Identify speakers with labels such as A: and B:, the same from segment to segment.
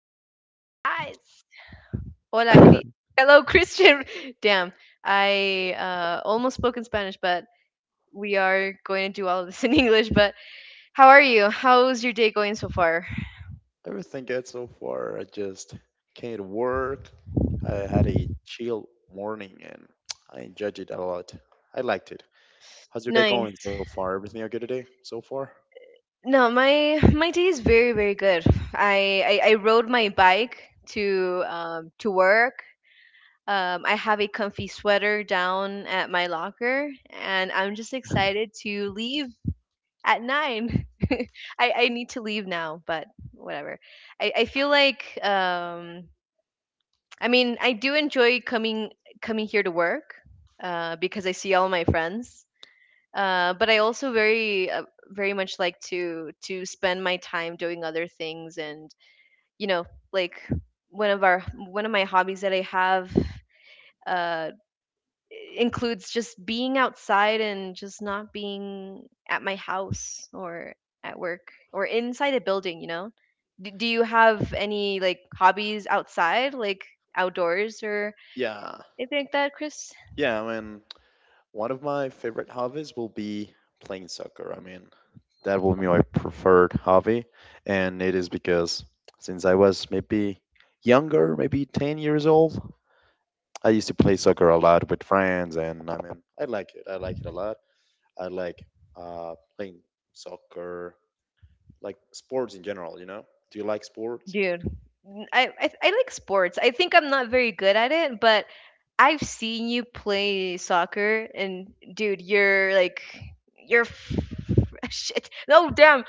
A: What's up, guys? Hola, hello, Christian. Damn, I almost spoke in Spanish, but we are going to do all of this in English. But how are you? How's your day going so far?
B: Everything good so far. I just came to work. I had a chill morning and I enjoyed it a lot. I liked it. How's your day going
A: Nice.
B: so far? Everything okay today so far?
A: No, my day is very very good. I rode my bike to work. I have a comfy sweater down at my locker, and I'm just excited to leave at 9. I need to leave now, but whatever. I feel like I mean I do enjoy coming here to work, because I see all my friends. But I also very very much like to spend my time doing other things and you know like one of our one of my hobbies that I have uh includes just being outside and just not being at my house or at work or inside a building, you know? Do you have any like hobbies outside, like outdoors or
B: Yeah.
A: anything like that, Chris?
B: Yeah, I mean, one of my favorite hobbies will be playing soccer. I mean, that will be my preferred hobby, and it is because since I was maybe younger, maybe 10 years old, I used to play soccer a lot with friends, and I mean, I like it. I like it a lot. I like playing soccer, like sports in general, you know? Do you like sports?
A: Dude, I, I like sports. I think I'm not very good at it, but I've seen you play soccer and dude, you're like you're f- shit. No, damn.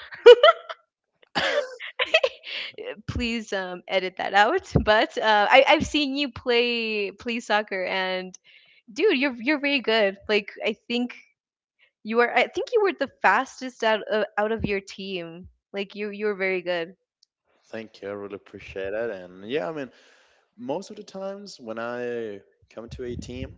A: Please edit that out. But I, I've seen you play soccer, and dude, you're very good. Like I think you are. I think you were the fastest out of your team. Like you were very good.
B: Thank you. I really appreciate it. And yeah, I mean, most of the times when I come to a team,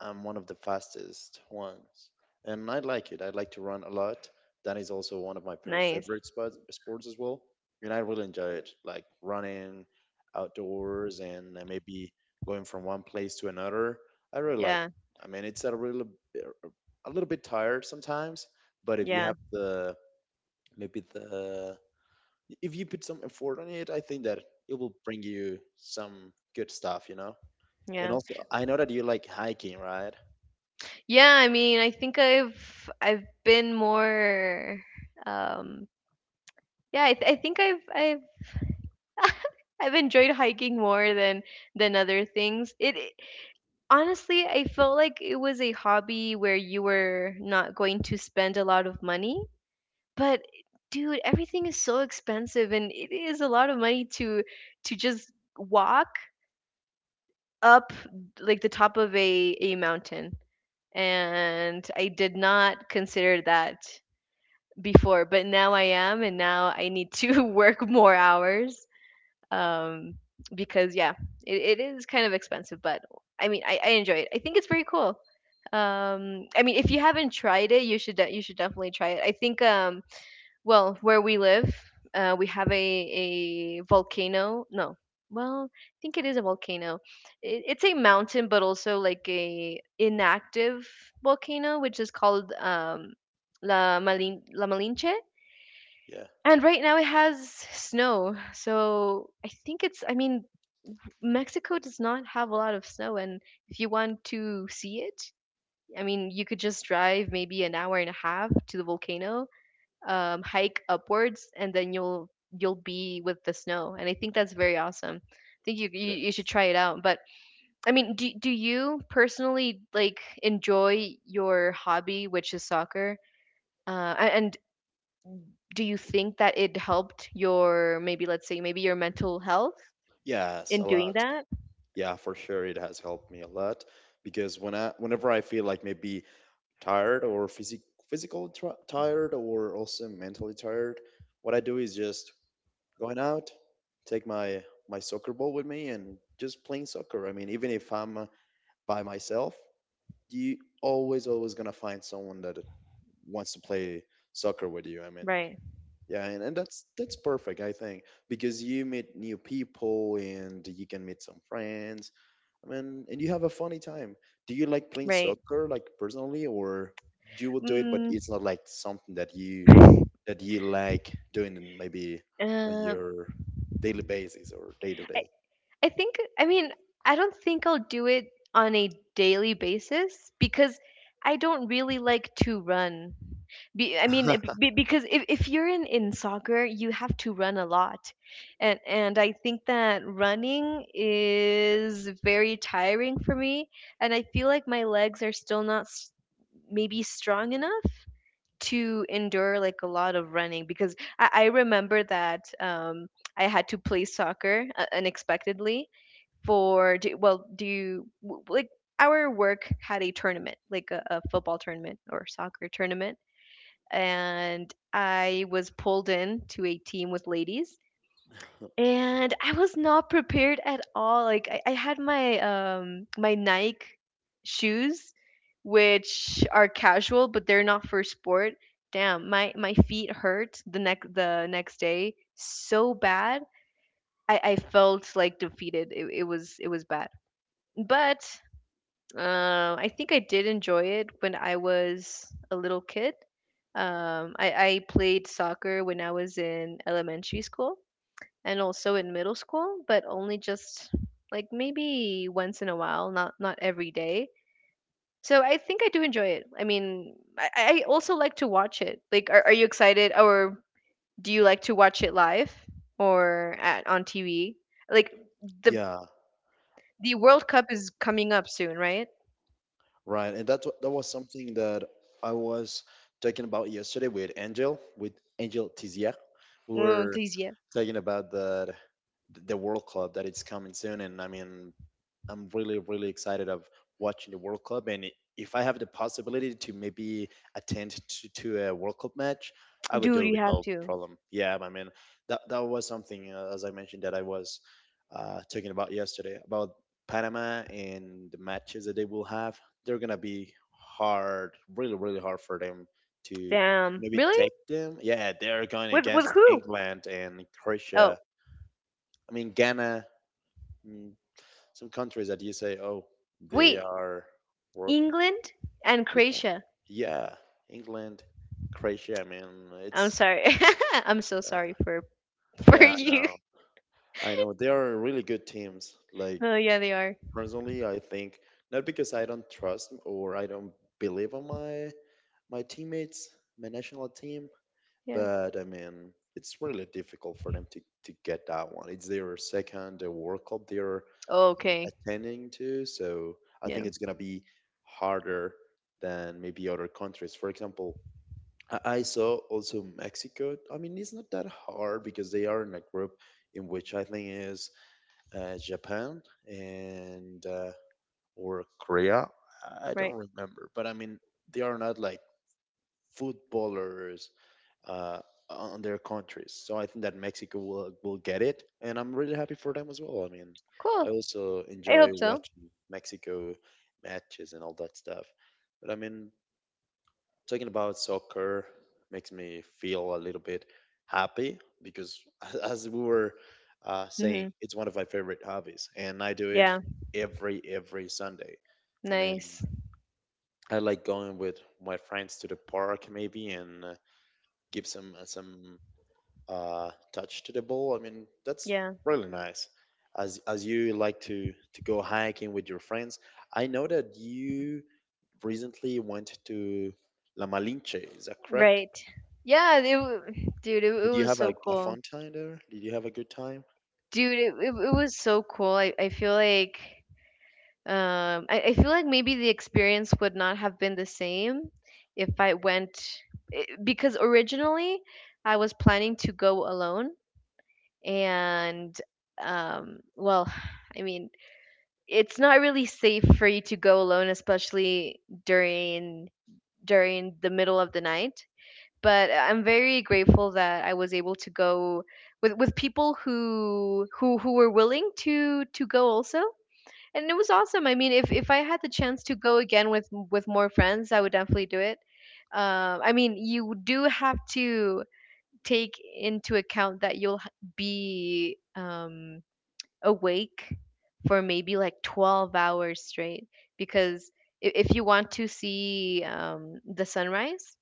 B: I'm one of the fastest ones, and I like it. I like to run a lot. That is also one of my favorite
A: Nice.
B: favorite sports as well, and I really enjoy it, like running outdoors and maybe going from one place to another. I really like it.
A: Yeah.
B: I mean, it's a really b- a little bit tired sometimes, but if you
A: Yeah.
B: have the, maybe the, if you put some effort on it, I think that it will bring you some good stuff, you know? And
A: Yeah.
B: also, I know that you like hiking, right?
A: Yeah. I mean, I think I've been more. Um, yeah. I, I think I've I've enjoyed hiking more than other things. It Honestly, I felt like it was a hobby where you were not going to spend a lot of money. But dude, everything is so expensive and it is a lot of money to just walk up like the top of a mountain. And I did not consider that before, but now I am and now I need to work more hours, um, because yeah, it is kind of expensive, but I mean, I enjoy it. I think it's very cool. I mean, if you haven't tried it, you should definitely try it. I think well, where we live, we have a volcano. No, well, I think it is a volcano. It's a mountain, but also like a inactive volcano, which is called La Malinche.
B: Yeah,
A: And right now it has snow, so I think it's. I mean, Mexico does not have a lot of snow, and if you want to see it, I mean, you could just drive maybe an hour and a half to the volcano, hike upwards, and then you'll be with the snow. And I think that's very awesome. I think you
B: it
A: you, you
B: is.
A: should try it out. But I mean, do you personally like enjoy your hobby, which is soccer? And do you think that it helped your maybe let's say maybe your mental health
B: Yes, a
A: in doing
B: lot.
A: that?
B: Yeah, for sure, it has helped me a lot because whenever I feel like maybe tired or physic, physical tr tired or also mentally tired, what I do is just going out, take my soccer ball with me, and just playing soccer. I mean, even if I'm by myself, you always always gonna find someone that wants to play soccer with you. I mean.
A: Right.
B: Yeah, and that's perfect, I think, because you meet new people and you can meet some friends. I mean, and you have a funny time. Do you like playing
A: Right.
B: soccer, like personally, or you will do it, but
A: Mm.
B: it's not like something that you like doing in maybe on
A: Um,
B: your daily basis or day to
A: I
B: day?
A: I think I mean I don't think I'll do it on a daily basis because I don't really like to run. I mean, because if you're in soccer, you have to run a lot, and I think that running is very tiring for me, and I feel like my legs are still not maybe strong enough to endure like a lot of running because I remember that I had to play soccer unexpectedly for do, well do you w- like our work had a tournament like a football tournament or soccer tournament, and I was pulled in to a team with ladies, and I was not prepared at all. Like I had my Nike shoes, which are casual, but they're not for sport. Damn, my feet hurt the next day so bad. I felt like defeated. It was bad, but I think I did enjoy it when I was a little kid. I played soccer when I was in elementary school and also in middle school, but only just like maybe once in a while, not every day. So I think I do enjoy it. I mean, I also like to watch it. Like, are you excited, or do you like to watch it live or on TV? Like the
B: Yeah.
A: the World Cup is coming up soon, right?
B: Right, and that was something that I was talking about yesterday with Angel Tizier. We
A: Oh,
B: were
A: please, yeah,
B: talking about that the World Cup that it's coming soon, and I mean I'm really really excited of watching the World Cup, and if I have the possibility to maybe attend to a World Cup match, I would do
A: dude,
B: it
A: you
B: with
A: have
B: no
A: to.
B: problem. Yeah, I mean that was something as I mentioned that I was talking about yesterday about Panama and the matches that they will have. They're gonna be hard, really really hard for them to
A: Damn,
B: maybe
A: really?
B: take them. Yeah, they're going
A: With
B: against
A: who?
B: England and
A: Oh,
B: Croatia. I mean Ghana. mm, some countries that you say, oh, they
A: wait,
B: are, wor-
A: England and Croatia.
B: yeah, England, Croatia. I mean,
A: I'm
B: it's
A: sorry. I'm so
B: uh,
A: sorry for for
B: yeah, I
A: you.
B: know, I know. They are really good teams. Like
A: Oh, yeah, they are.
B: personally, I think not because I don't trust or I don't believe on my teammates, my national team,
A: Yeah.
B: but I mean, it's really difficult for them to get that one. It's their second World Cup they're
A: Oh, okay.
B: attending to, so I
A: Yeah.
B: think it's gonna be harder than maybe other countries. For example, I saw also Mexico. I mean, it's not that hard because they are in a group in which I think is Japan and or Korea. I
A: Right.
B: don't remember, but I mean, they are not like footballers uh, on their countries. So I think that Mexico will get it, and I'm really happy for them as well. I mean, I
A: Cool.
B: also
A: I
B: enjoy
A: hope so.
B: watching Mexico matches and all that stuff. But I mean, talking about soccer makes me feel a little bit happy because, as we were saying,
A: Mhm.
B: it's one of my favorite hobbies, and I do it
A: Yeah.
B: every Sunday. I mean,
A: Nice.
B: I like going with my friends to the park maybe and give some touch to the ball. I mean, that's
A: Yeah.
B: really nice. As you like to go hiking with your friends, I know that you recently went to La Malinche. Is that correct?
A: Right. Yeah, dude, it
B: Did you
A: was
B: have
A: so
B: a
A: cool.
B: fun time there? Did you have a good time?
A: Dude, it was so cool. I feel like maybe the experience would not have been the same if I went, because originally I was planning to go alone, and well, I mean, it's not really safe for you to go alone, especially during the middle of the night, but I'm very grateful that I was able to go with people who were willing to go also. And it was awesome. I mean, if I had the chance to go again with more friends, I would definitely do it. I mean, you do have to take into account that you'll be awake for maybe like 12 hours straight, because if you want to see, the sunrise,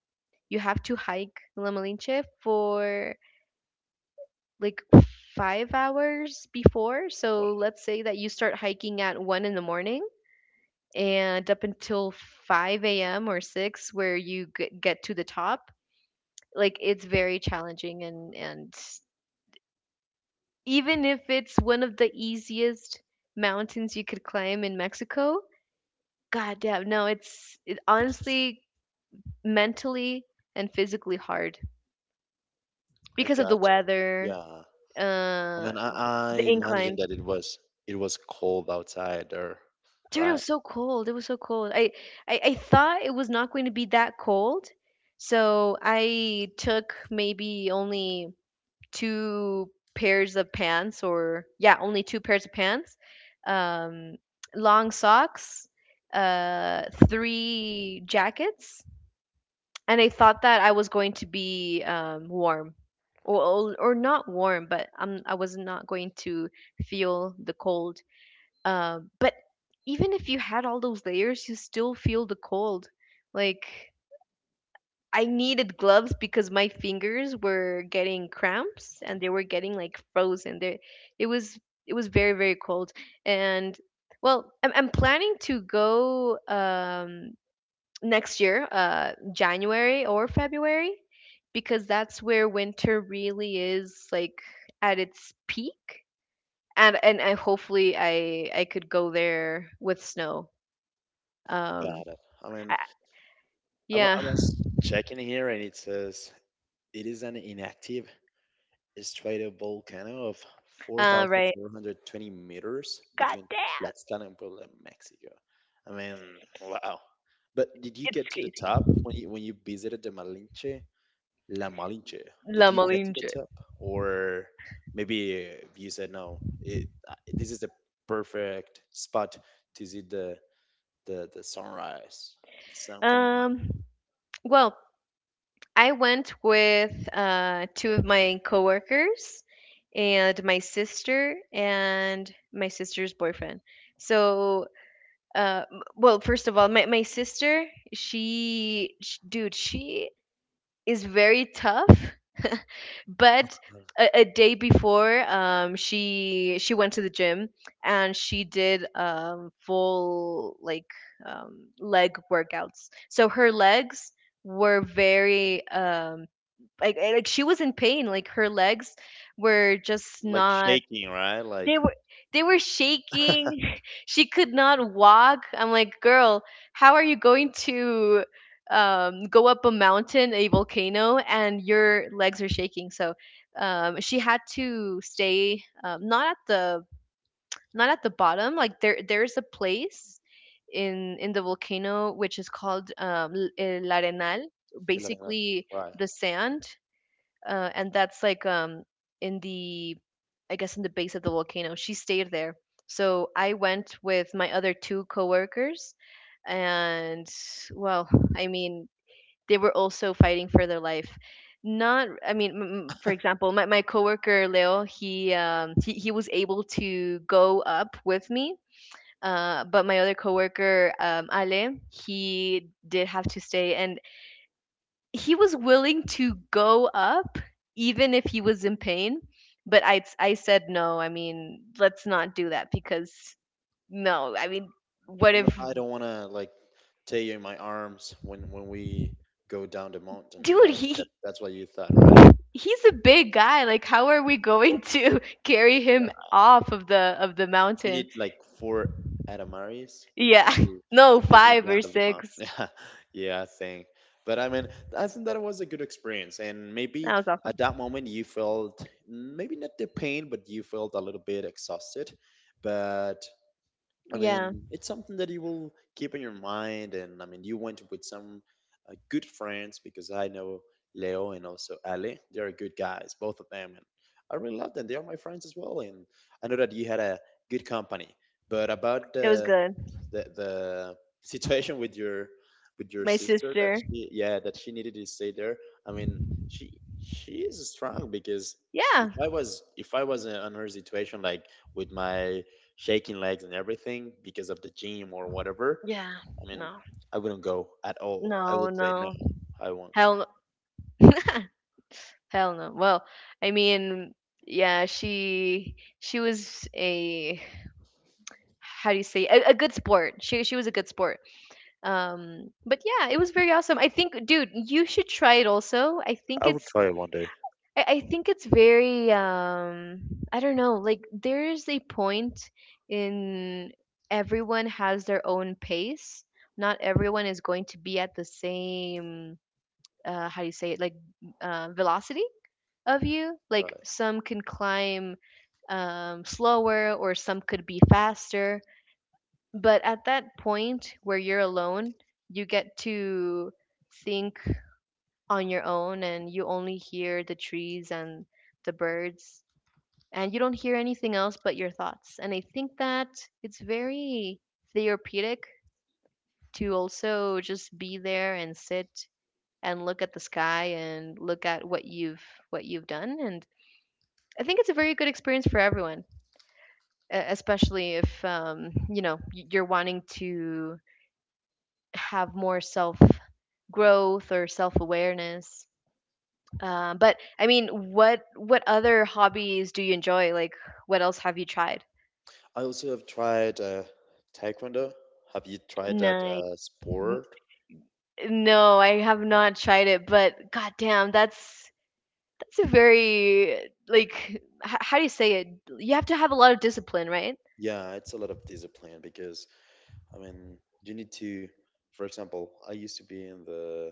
A: you have to hike La Malinche for like 5 hours before. So let's say that you start hiking at 1 in the morning and up until 5 a.m or 6, where you get to the top. Like it's very challenging, and even if it's one of the easiest mountains you could climb in Mexico, God damn, no, honestly mentally and physically hard
B: I
A: because of
B: got
A: the
B: you.
A: weather,
B: Yeah. I
A: uh,
B: mean, I
A: the
B: imagine
A: inclines.
B: that it was cold outside there,
A: Dude, it
B: right?
A: was so cold. It was so cold. I thought it was not going to be that cold, so I took maybe only two pairs of pants, or yeah, only two pairs of pants, um, long socks, three jackets, and I thought that I was going to be, warm, or not warm, but I was not going to feel the cold. But even if you had all those layers, you still feel the cold. Like I needed gloves because my fingers were getting cramps and they were getting like frozen. There, it was it was very very cold, and well, I'm planning to go, next year, January or February, because that's where winter really is like at its peak. And I hopefully I could go there with snow. Um,
B: Got it. I mean,
A: I,
B: I, wa-
A: yeah.
B: I was checking here and it says it is an inactive straight a volcano of
A: Right.
B: 4,420 meters
A: God
B: between
A: damn,
B: Tlaxcala and Puebla, Mexico. I mean, wow. But did you
A: it's
B: get to the
A: crazy.
B: top when you visited the Malinche, La Malinche? Did
A: La
B: you get to the
A: Malinche.
B: top, or maybe you said no? It This is the perfect spot to see the sunrise, the sun coming up,
A: Um, well, I went with two of my coworkers and my sister and my sister's boyfriend. So well, first of all, my sister, dude, she is very tough, but a day before, she went to the gym and she did, full like leg workouts, so her legs were very, like she was in pain, like her legs were just
B: like
A: not,
B: shaking, right?
A: they
B: Like
A: were they were shaking. She could not walk. I'm like, girl, how are you going to go up a mountain, a volcano, and your legs are shaking? So, she had to stay, not at the bottom. Like there there's a place in the volcano, which is called, el arenal,
B: El Arenal,
A: basically
B: right?
A: the sand. And that's like, in the, I guess, in the base of the volcano. She stayed there. So I went with my other two coworkers, and well, I mean, they were also fighting for their life. Not, I mean, for example, my coworker Leo, he, he was able to go up with me. But my other coworker, Ale, he did have to stay, and he was willing to go up even if he was in pain, but I said no. I mean, let's not do that because no, I mean, what if,
B: I don't want to like tear you in my arms when we go down the mountain.
A: dude,
B: That, that
A: he,
B: that's what you thought, right?
A: he's a big guy, like how are we going to carry him
B: Yeah.
A: off of the
B: You
A: mountain?
B: need like four Adamaris
A: Yeah.
B: to, to
A: No,
B: take him
A: 5 or
B: down to the mountain.
A: 6.
B: Yeah, yeah, I think. But I mean, I think that was a good experience, and maybe
A: That was awesome.
B: at that moment you felt maybe not the pain, but you felt a little bit exhausted. But I
A: Yeah,
B: mean, it's something that you will keep in your mind. And I mean, you went with some good friends because I know Leo and also Ali. They are good guys, both of them. And I really love them. They are my friends as well. And I know that you had a good company. But about
A: it was
B: the
A: good.
B: the the situation with your
A: My
B: sister, that
A: sister.
B: she yeah, that she needed to stay there. I mean, she she is strong because if
A: Yeah.
B: I was if I was in on her situation like with my shaking legs and everything because of the gym or whatever,
A: Yeah.
B: I mean,
A: No.
B: I wouldn't go at all. I
A: No.
B: would say
A: No.
B: no, I won't.
A: Hell no. Hell no. Well, I mean, yeah, she was a, how do you say, a good sport. She was a good sport. But yeah, it was very awesome. I think, dude, you should try it also. I think
B: I would
A: it's
B: try it one day.
A: I, I think it's very I don't know. Like there's a point in everyone has their own pace. Not everyone is going to be at the same how do you say it, like, velocity of you. Like
B: Right.
A: some can climb slower or some could be faster. But at that point where you're alone, you get to think on your own and you only hear the trees and the birds, and you don't hear anything else but your thoughts. And I think that it's very therapeutic to also just be there and sit and look at the sky and look at what you've done. And I think it's a very good experience for everyone. Especially if you're wanting to have more self growth or self awareness. But I mean, what other hobbies do you enjoy? Like, what else have you tried?
B: I also have tried taekwondo. Have you tried that
A: Nice. N-
B: sport?
A: No, I have not tried it, but goddamn, that's a very like, how do you say it? You have to have a lot of discipline, right?
B: Yeah, it's a lot of discipline because I mean, you need to, for example, I used to be in the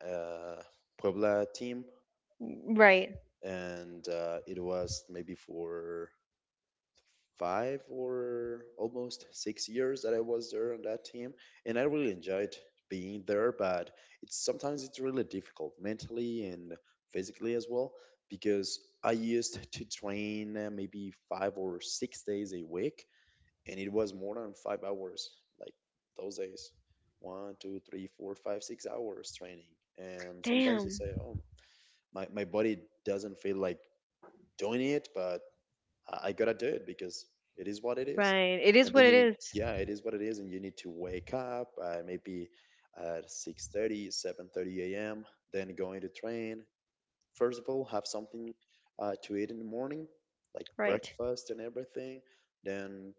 B: uh, Puebla team,
A: Right.
B: and it was maybe for five or almost 6 years that I was there on that team, and I really enjoyed being there. But it's sometimes it's really difficult mentally and physically as well because I used to train maybe 5 or 6 days a week, and it was more than 5 hours, like those days, 1, 2, 3, 4, 5, 6 hours training. And sometimes you
A: Damn.
B: say, oh, my body doesn't feel like doing it, but I gotta do it because it is what it is.
A: Right. It is
B: And
A: what
B: then
A: it is.
B: yeah, it is what it is, and you need to wake up maybe at 6:30, 7:30 a.m., then going to train. First of all, have something to eat in the morning, like
A: Right.
B: breakfast and everything. Then,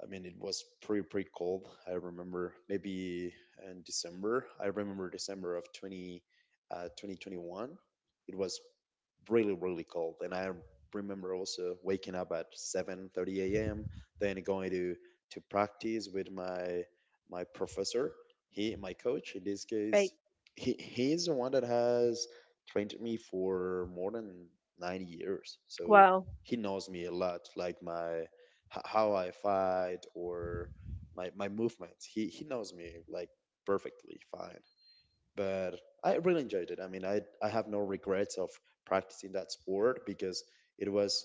B: I mean, it was pretty pretty cold. I remember maybe in December. I remember December of 2021. It was really really cold, and I remember also waking up at 7:30 a.m. Then going to practice with my professor. He, my coach in this
A: Right.
B: case. He's the one that has trained me for more than 9 years, so
A: Wow.
B: he knows me a lot. Like how I fight or my movements. He knows me like perfectly fine. But I really enjoyed it. I mean, I have no regrets of practicing that sport because it was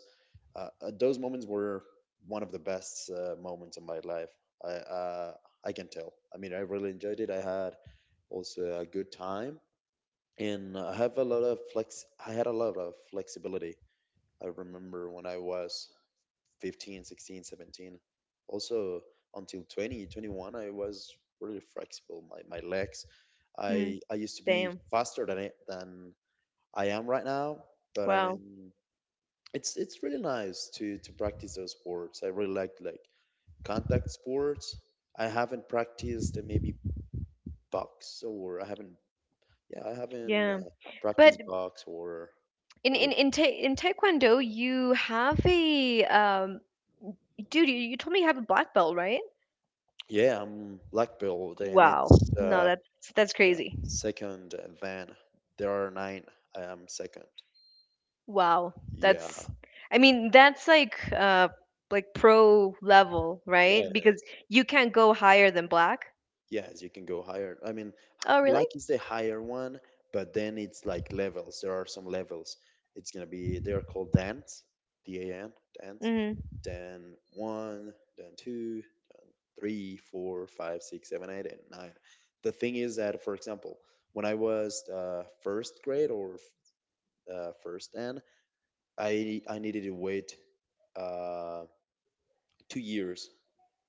B: those moments were one of the best moments of my life. I uh, I can tell. I mean, I really enjoyed it. I had also a good time and I have a lot of flex. I had a lot of flexibility. I remember when I was 15 16, 17, also until 20, 21. I was really flexible, my legs.
A: Hmm.
B: I used to be
A: Damn.
B: faster than I am right now, but I
A: Wow.
B: mean, it's really nice to practice those sports. I really like contact sports. I haven't practiced maybe box, or I haven't yeah, I haven't
A: Yeah. But
B: practiced box or
A: in
B: other.
A: in in, ta- in taekwondo, you have a dude, you told me you have a black belt, right?
B: Yeah, I'm black belt, and
A: Wow.
B: it's
A: No, that's
B: yeah.
A: crazy.
B: Second, then there are nine. I am second.
A: Wow.
B: Yeah,
A: That's I mean, that's like pro level,
B: yeah, yeah,
A: right?
B: yeah.
A: Because you can't go higher than black.
B: Yes, you can go higher. I mean,
A: Oh, really?
B: black is the higher one, but then it's like levels. There are some levels. It's gonna be They're called dance, dan, dance.
A: Mm-hmm.
B: Then one, then two, then three, four, five, six, seven, eight, and nine. The thing is that, for example, when I was first grade or first N, I needed to wait. Um, 2 years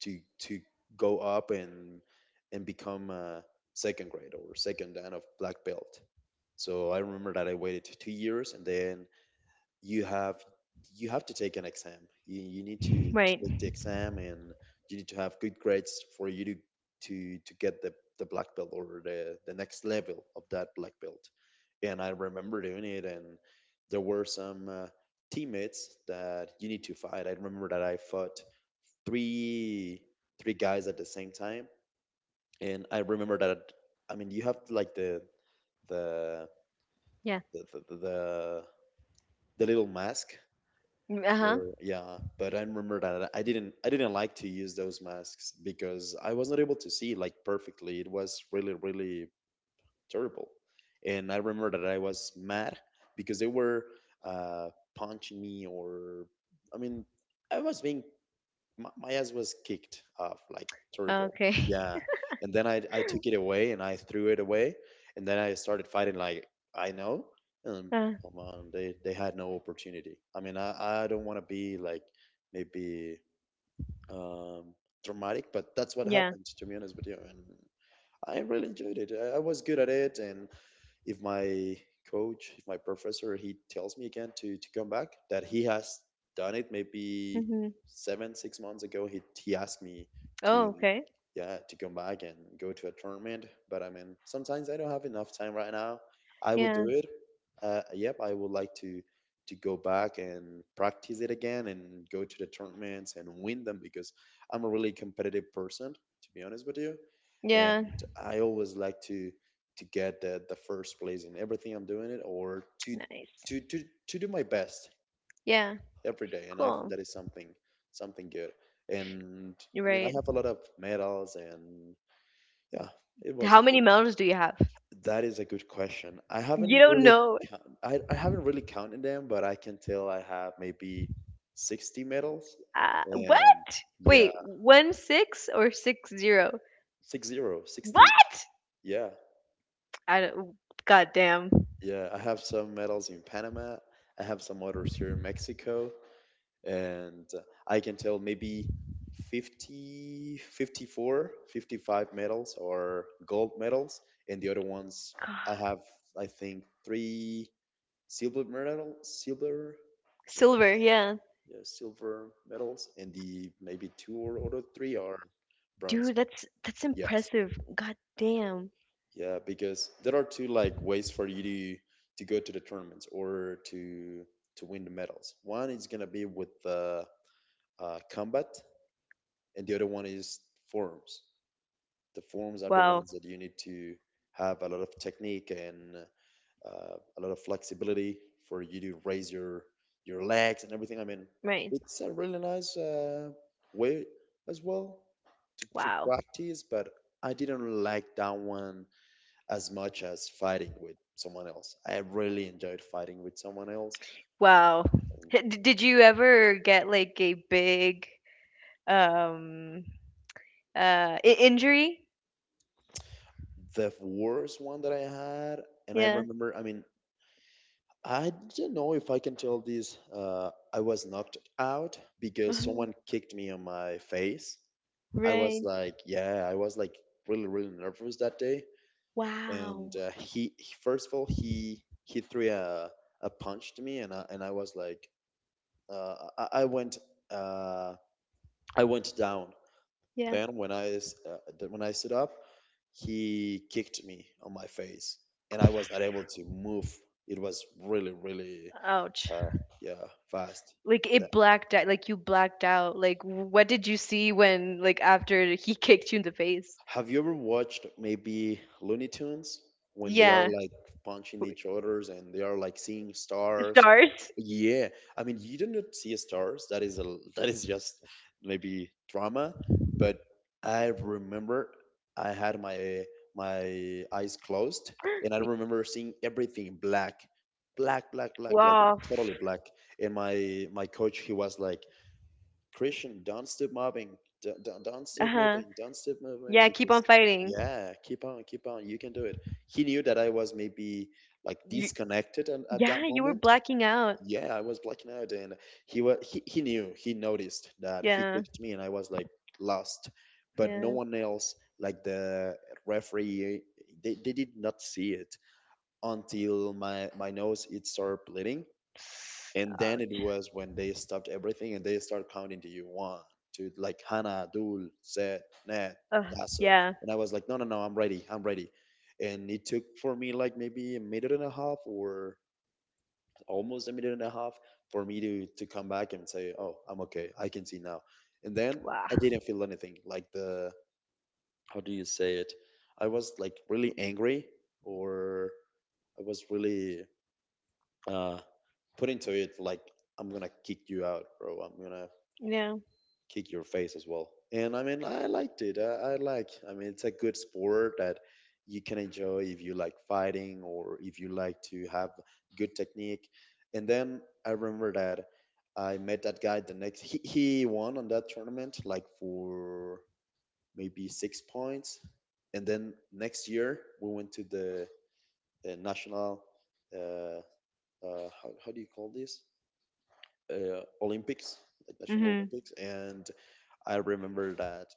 B: to go up and become a second grade or second dan of black belt. So I remember that I waited 2 years, and then you have you have to take an exam. You need to
A: Right.
B: take the exam, and you need to have good grades for you to get the black belt or the next level of that black belt. And I remember doing it, and there were some teammates that you need to fight. I remember that I fought three three guys at the same time. And I remember that, I mean, you have like the the
A: Yeah.
B: the the, the, the little mask
A: Mm, uh-huh.
B: or, yeah. But I remember that I didn't like to use those masks because I was not able to see, like, perfectly. It was really, really terrible. And I remember that I was mad because they were uh punching me. Or, I mean, I was being, my ass was kicked off, like, terrible.
A: Okay.
B: Yeah. And then I took it away and I threw it away, and then I started fighting, like, I know. And
A: Uh,
B: come on, they had no opportunity. I mean, I don't want to be like, maybe, um, dramatic, but that's what
A: yeah.
B: happened, to be honest with you. And I really enjoyed it. I was good at it. And if my coach, if my professor, he tells me again to come back, that he has done it maybe
A: Mm-hmm.
B: seven, 6 months ago. He asked me
A: Oh,
B: to,
A: okay.
B: yeah, to come back and go to a tournament. But I mean, sometimes I don't have enough time right now. I would
A: Yeah.
B: do it. Yep, I would like to go back and practice it again and go to the tournaments and win them, because I'm a really competitive person, to be honest with you.
A: Yeah.
B: And I always like to get the first place in everything I'm doing it, or to
A: Nice.
B: to to to do my best
A: Yeah.
B: every day. And I think
A: Cool.
B: that is something, something good. And I mean, I
A: Right.
B: have a lot of medals, and yeah, it was
A: How
B: a
A: many
B: good.
A: melons do you have?
B: That is a good question. I
A: You
B: haven't
A: don't
B: really
A: know.
B: count- I haven't really counted them, but I can tell I have maybe 60 medals.
A: What?
B: And yeah,
A: Wait, 16 or 60?
B: six zero sixty.
A: What?
B: Yeah,
A: I don't. God damn.
B: yeah, I have some medals in Panama. I have some others here in Mexico. And I can tell maybe 50, 54, 55 medals or gold medals. And the other ones, I
A: God.
B: have, I think, three silver medal, silver. Yeah,
A: Silver, yeah.
B: yeah, silver medals. And the maybe two, or three are bronze.
A: Dude, that's
B: Yes.
A: impressive. God damn.
B: Yeah, because there are two, like, ways for you to go to the tournaments or to win the medals. One is gonna be with the combat, and the other one is forums. The forums are the
A: Wow.
B: ones that you need to have a lot of technique and a lot of flexibility for you to raise your legs and everything. I mean,
A: Right.
B: it's a really nice way as well to
A: Wow.
B: practice. But I didn't like that one as much as fighting with someone else. I really enjoyed fighting with someone else.
A: Wow. Did you ever get like a big um injury?
B: The worst one that I had, and I
A: Yeah.
B: remember, I mean, I don't know if I can tell this. I was knocked out because
A: Mhm.
B: someone kicked me on my face. I was
A: Right.
B: like, yeah, I was like really, really nervous that day. And
A: Wow.
B: he- first of all, he threw a punch to me, and I was like, uh, I, I went, uh, I went down.
A: Yeah.
B: Then when I s- th- when I stood up, he kicked me on my face, and I was not able to move. It was really, really
A: Ouch.
B: uh, yeah, fast.
A: Like it
B: That-
A: blacked out, like you blacked out. Like what did you see when, like, after he kicked you in the face?
B: Have you ever watched maybe Looney Tunes when they are
A: Yeah.
B: like punching
A: W-
B: each others and they are like seeing stars?
A: Stars.
B: Yeah, I mean, you do not see stars. That is a, that is just maybe drama. But I remember I had my eyes closed, and I remember seeing everything black, black, black, black, like
A: Wow.
B: totally black. And my coach, he was like, Christian, don't stop moving. Don't stop
A: Uh-huh.
B: moving. Don't stop moving,
A: Yeah, keep on
B: because,
A: fighting.
B: yeah, keep on. You can do it. He knew that I was maybe, like,
A: You,
B: disconnected and at
A: yeah,
B: that
A: you were
B: moment.
A: blacking out.
B: Yeah, I was blacking out. And he knew, he noticed that he
A: Yeah.
B: kicked me, and I was like lost. But no
A: Yeah.
B: one else, like the referee, they did not see it until my nose, it started bleeding. And
A: Oh,
B: then it was when they stopped everything, and they started counting to you one, two, like Hana, Dul, Zed, Ned, Daso.
A: yeah.
B: And I was like, no, no, no, I'm ready, I'm ready. And it took for me like maybe a minute and a half, or almost a minute and a half, for me to come back and say, oh, I'm okay, I can see now. And then
A: Wow.
B: I didn't feel anything, like how do you say it? I was like really angry, or I was really uh, put into it, like, I'm gonna kick you out, bro. I'm gonna
A: Yeah.
B: kick your face as well. And I mean, I liked it. I like. I mean, it's a good sport that you can enjoy if you like fighting, or if you like to have good technique. And then I remember that I met that guy the next. He won on that tournament like for maybe 6 points. And then next year we went to the national. Uh, how do you call this? Olympics, like National
A: Mhm.
B: Olympics. And I remember that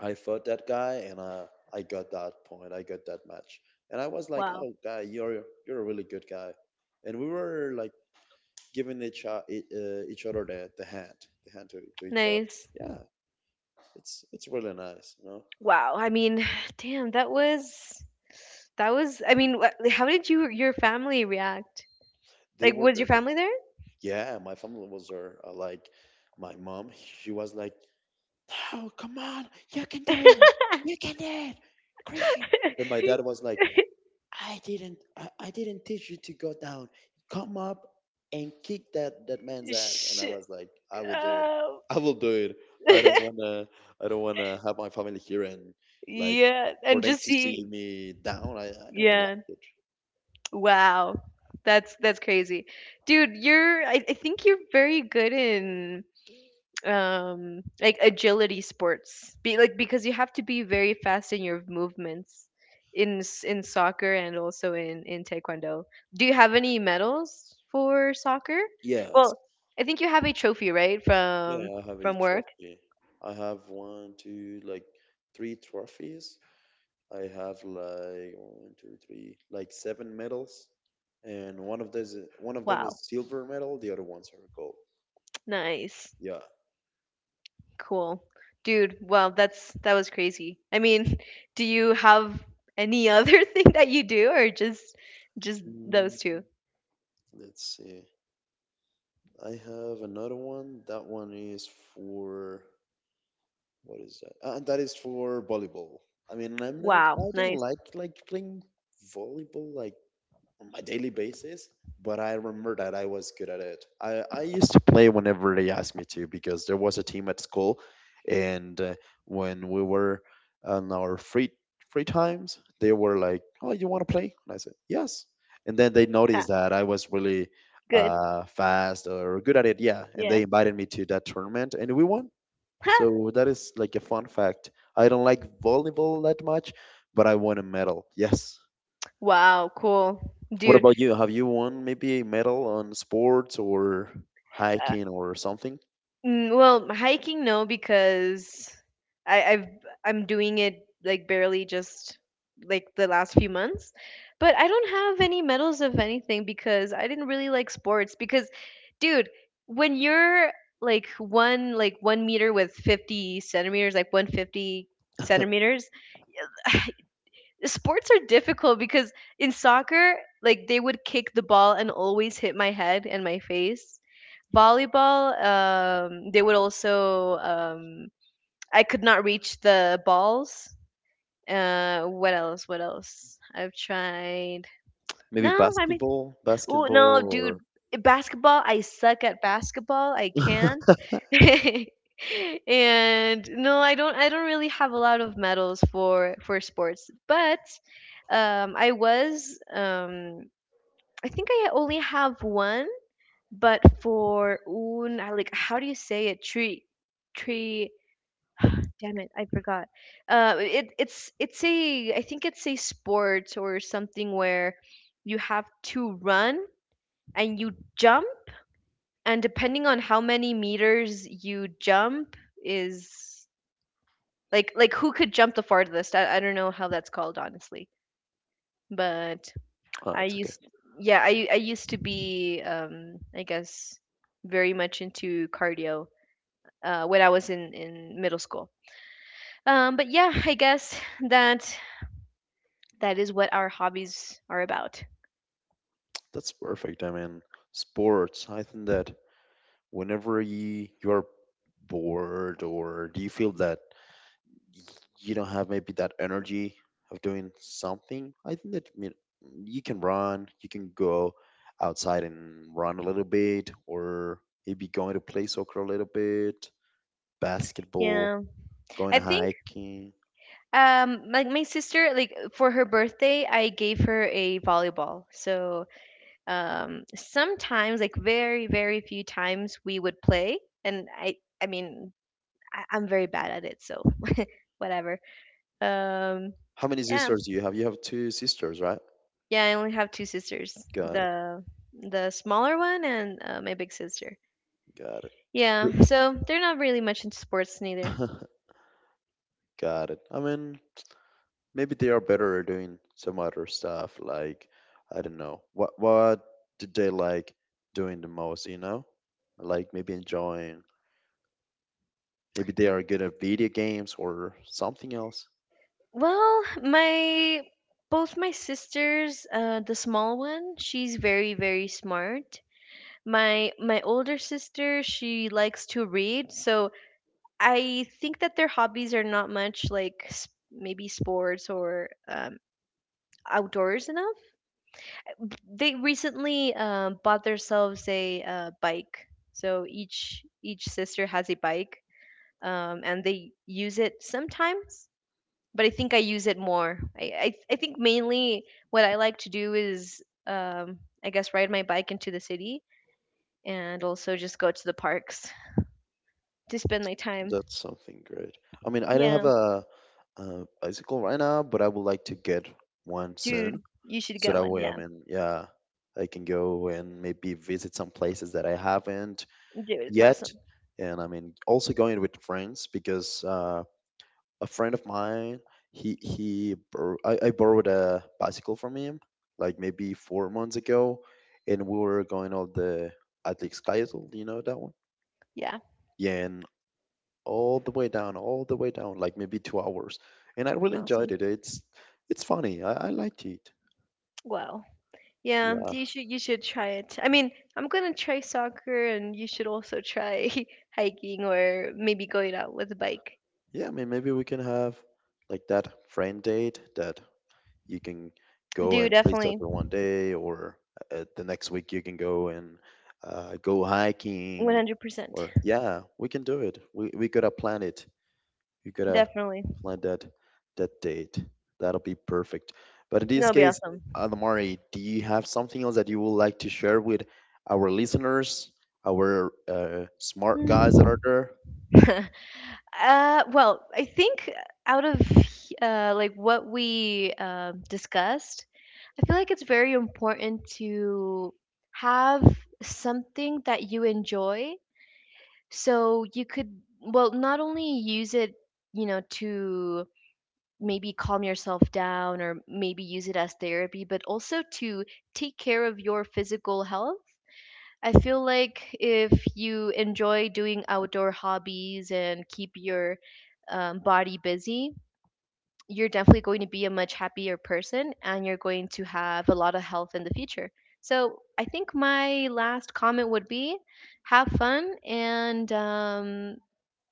B: I fought that guy. And I got that point, I got that match, and I was like,
A: Wow.
B: "Oh, guy, you're a really good guy." And we were like giving each other the hand to each other.
A: Nice.
B: Yeah, it's really nice, you know.
A: Wow. I mean, damn, that was, I mean, like, how did your family react?
B: They
A: Like,
B: were
A: was your
B: there.
A: family there?
B: Yeah, my family was there. Like my mom, she was like, "No, come on, you can do it, you can do it, Christian." And my dad was like, I didn't teach you to go down. Come up and kick that that man's ass. And I
A: Shit!
B: was like, I will do it.
A: um,
B: I will do it. I don't wanna I don't wanna have my family here and, like,
A: yeah,
B: for
A: and
B: them
A: just
B: to
A: see.
B: see me down. I don't
A: Yeah.
B: like it.
A: Wow. That's crazy. Dude, you're I think you're very good in like agility sports. Be Like because you have to be very fast in your movements, in soccer and also in taekwondo. Do you have any medals for soccer?
B: Yes.
A: Well, I think you have a trophy, right?
B: Yeah,
A: From
B: I have a
A: from work.
B: trophy. I have one, two, like three trophies. I have like one, two, three, like seven medals. And one of them is
A: Wow.
B: silver medal, the other ones are gold.
A: Nice.
B: Yeah.
A: Cool. Dude, wow, that was crazy. I mean, do you have any other thing that you do, or just
B: Mm,
A: those two?
B: let's see. I have another one. That one is for, what is that? That is for volleyball. I mean, I'm not.
A: Wow,
B: I don't
A: nice.
B: like, playing volleyball, like, on my daily basis, but I remember that I was good at it. I used to play whenever they asked me to, because there was a team at school. And when we were on our free times, they were like, "Oh, you want to play?" And I said, "Yes." And then they
A: Ah,
B: noticed that I was really
A: good.
B: fast or good at it, yeah, and
A: Yeah.
B: they invited me to that tournament, and we won. So that is like a fun fact. I don't like volleyball that much, but I won a medal. Yes.
A: Wow, cool.
B: What
A: Dude,
B: about you? Have you won maybe a medal on sports or hiking or something?
A: mm, well, hiking no, because I, I've I'm doing it like barely, just like the last few months. But I don't have any medals of anything because I didn't really like sports because, dude, when you're like 1 meter with 50 centimeters, like 150 centimeters, sports are difficult because in soccer, like, they would kick the ball and always hit my head and my face. Volleyball, they would also I could not reach the balls. What else? What else? I've tried.
B: Maybe
A: No, I
B: basketball,
A: oh no,
B: basketball, or,
A: dude, basketball. I suck at basketball. I can't. And no, I don't. I don't really have a lot of medals for sports. But I was. I think I only have one. But I, like, how do you say it? Tree. Damn it, I forgot. It's a. I think it's a sport or something where you have to run and you jump, and depending on how many meters you jump is like who could jump the farthest. I don't know how that's called, honestly, but
B: ah,
A: I
B: it's okay.
A: used yeah, I used to be I guess very much into cardio when I was in middle school. But yeah, I guess that that is what our hobbies are about.
B: That's perfect. I mean, sports. I think that whenever you, you're bored, or do you feel that y- you don't have maybe that energy of doing something, I think that, you know, you can run. You can go outside and run a little bit, or maybe going to play soccer a little bit, basketball,
A: Yeah,
B: going
A: I think
B: hiking.
A: like my sister, like, for her birthday, I gave her a volleyball, so sometimes, like, very very few times we would play, and I mean, I'm very bad at it, so whatever. um
B: How many
A: yeah,
B: sisters do you have? You have two sisters, right?
A: yeah, I only have two sisters.
B: Got it.
A: The the smaller one and my big sister.
B: Got it.
A: Yeah,
B: Who-
A: so they're not really much into sports neither.
B: Got it. I mean, maybe they are better at doing some other stuff. Like, I don't know. What did they like doing the most? You know, like maybe enjoying. Maybe they are good at video games or something else.
A: Well, my both my sisters, the small one, she's very very smart. My older sister, she likes to read, so I think that their hobbies are not much like, maybe sports or outdoors enough. They recently bought themselves a bike. So each sister has a bike, and they use it sometimes. But I think I use it more. I think mainly what I like to do is I guess ride my bike into the city and also just go to the parks to spend my time.
B: That's something great. I mean, I don't have
A: Yeah,
B: a bicycle right now, but I would like to get one soon.
A: dude, you should
B: So
A: get
B: that
A: one.
B: way, I
A: Yeah,
B: mean, yeah, I can go and maybe visit some places that I haven't
A: dude, it's
B: yet.
A: awesome.
B: And I mean, also going with friends, because a friend of mine, he bor- I borrowed a bicycle from him like maybe 4 months ago, and we were going on the atlas Kaisel, you know that one.
A: Yeah,
B: Yeah. And all the way down, all the way down, like maybe 2 hours. And I really enjoyed
A: awesome.
B: it. It's funny. I liked it.
A: Well, yeah, you should try it. I mean, I'm gonna try soccer, and you should also try hiking or maybe going out with a bike.
B: Yeah, I mean, maybe we can have like that friend date that you can go
A: Do
B: and play
A: Definitely,
B: soccer one day, or the next week you can go and go hiking,
A: 100%,
B: or yeah, we can do it. We gotta plan it. We gotta
A: definitely.
B: plan that that date. That'll be perfect. But in this
A: That'll be
B: case,
A: awesome.
B: Adamari, do you have something else that you would like to share with our listeners, our smart guys
A: Hmm.
B: that are there?
A: Well, I think out of like what we discussed, I feel like it's very important to have something that you enjoy. So you could, well, not only use it, to maybe calm yourself down or maybe use it as therapy, but also to take care of your physical health. I feel like if you enjoy doing outdoor hobbies and keep your body busy, you're definitely going to be a much happier person and you're going to have a lot of health in the future. So I think my last comment would be have fun and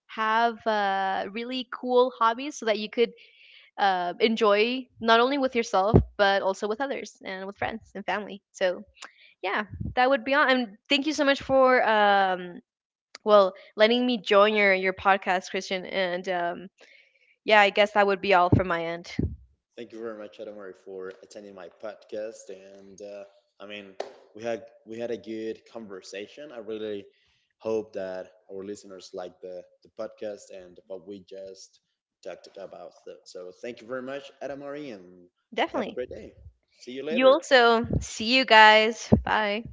A: have really cool hobbies so that you could enjoy not only with yourself but also with others and with friends and family, so yeah, that would be all. And thank you so much for well, letting me join your podcast, Christian, and yeah, I guess that would be all from my end.
B: Thank you very much, Adam, for attending my podcast. And I mean, we had a good conversation. I really hope that our listeners like the podcast and what we just talked about. So, so thank you very much, Adam, and you have a
A: Definitely.
B: great day. See you
A: You
B: later.
A: also. See you guys. Bye.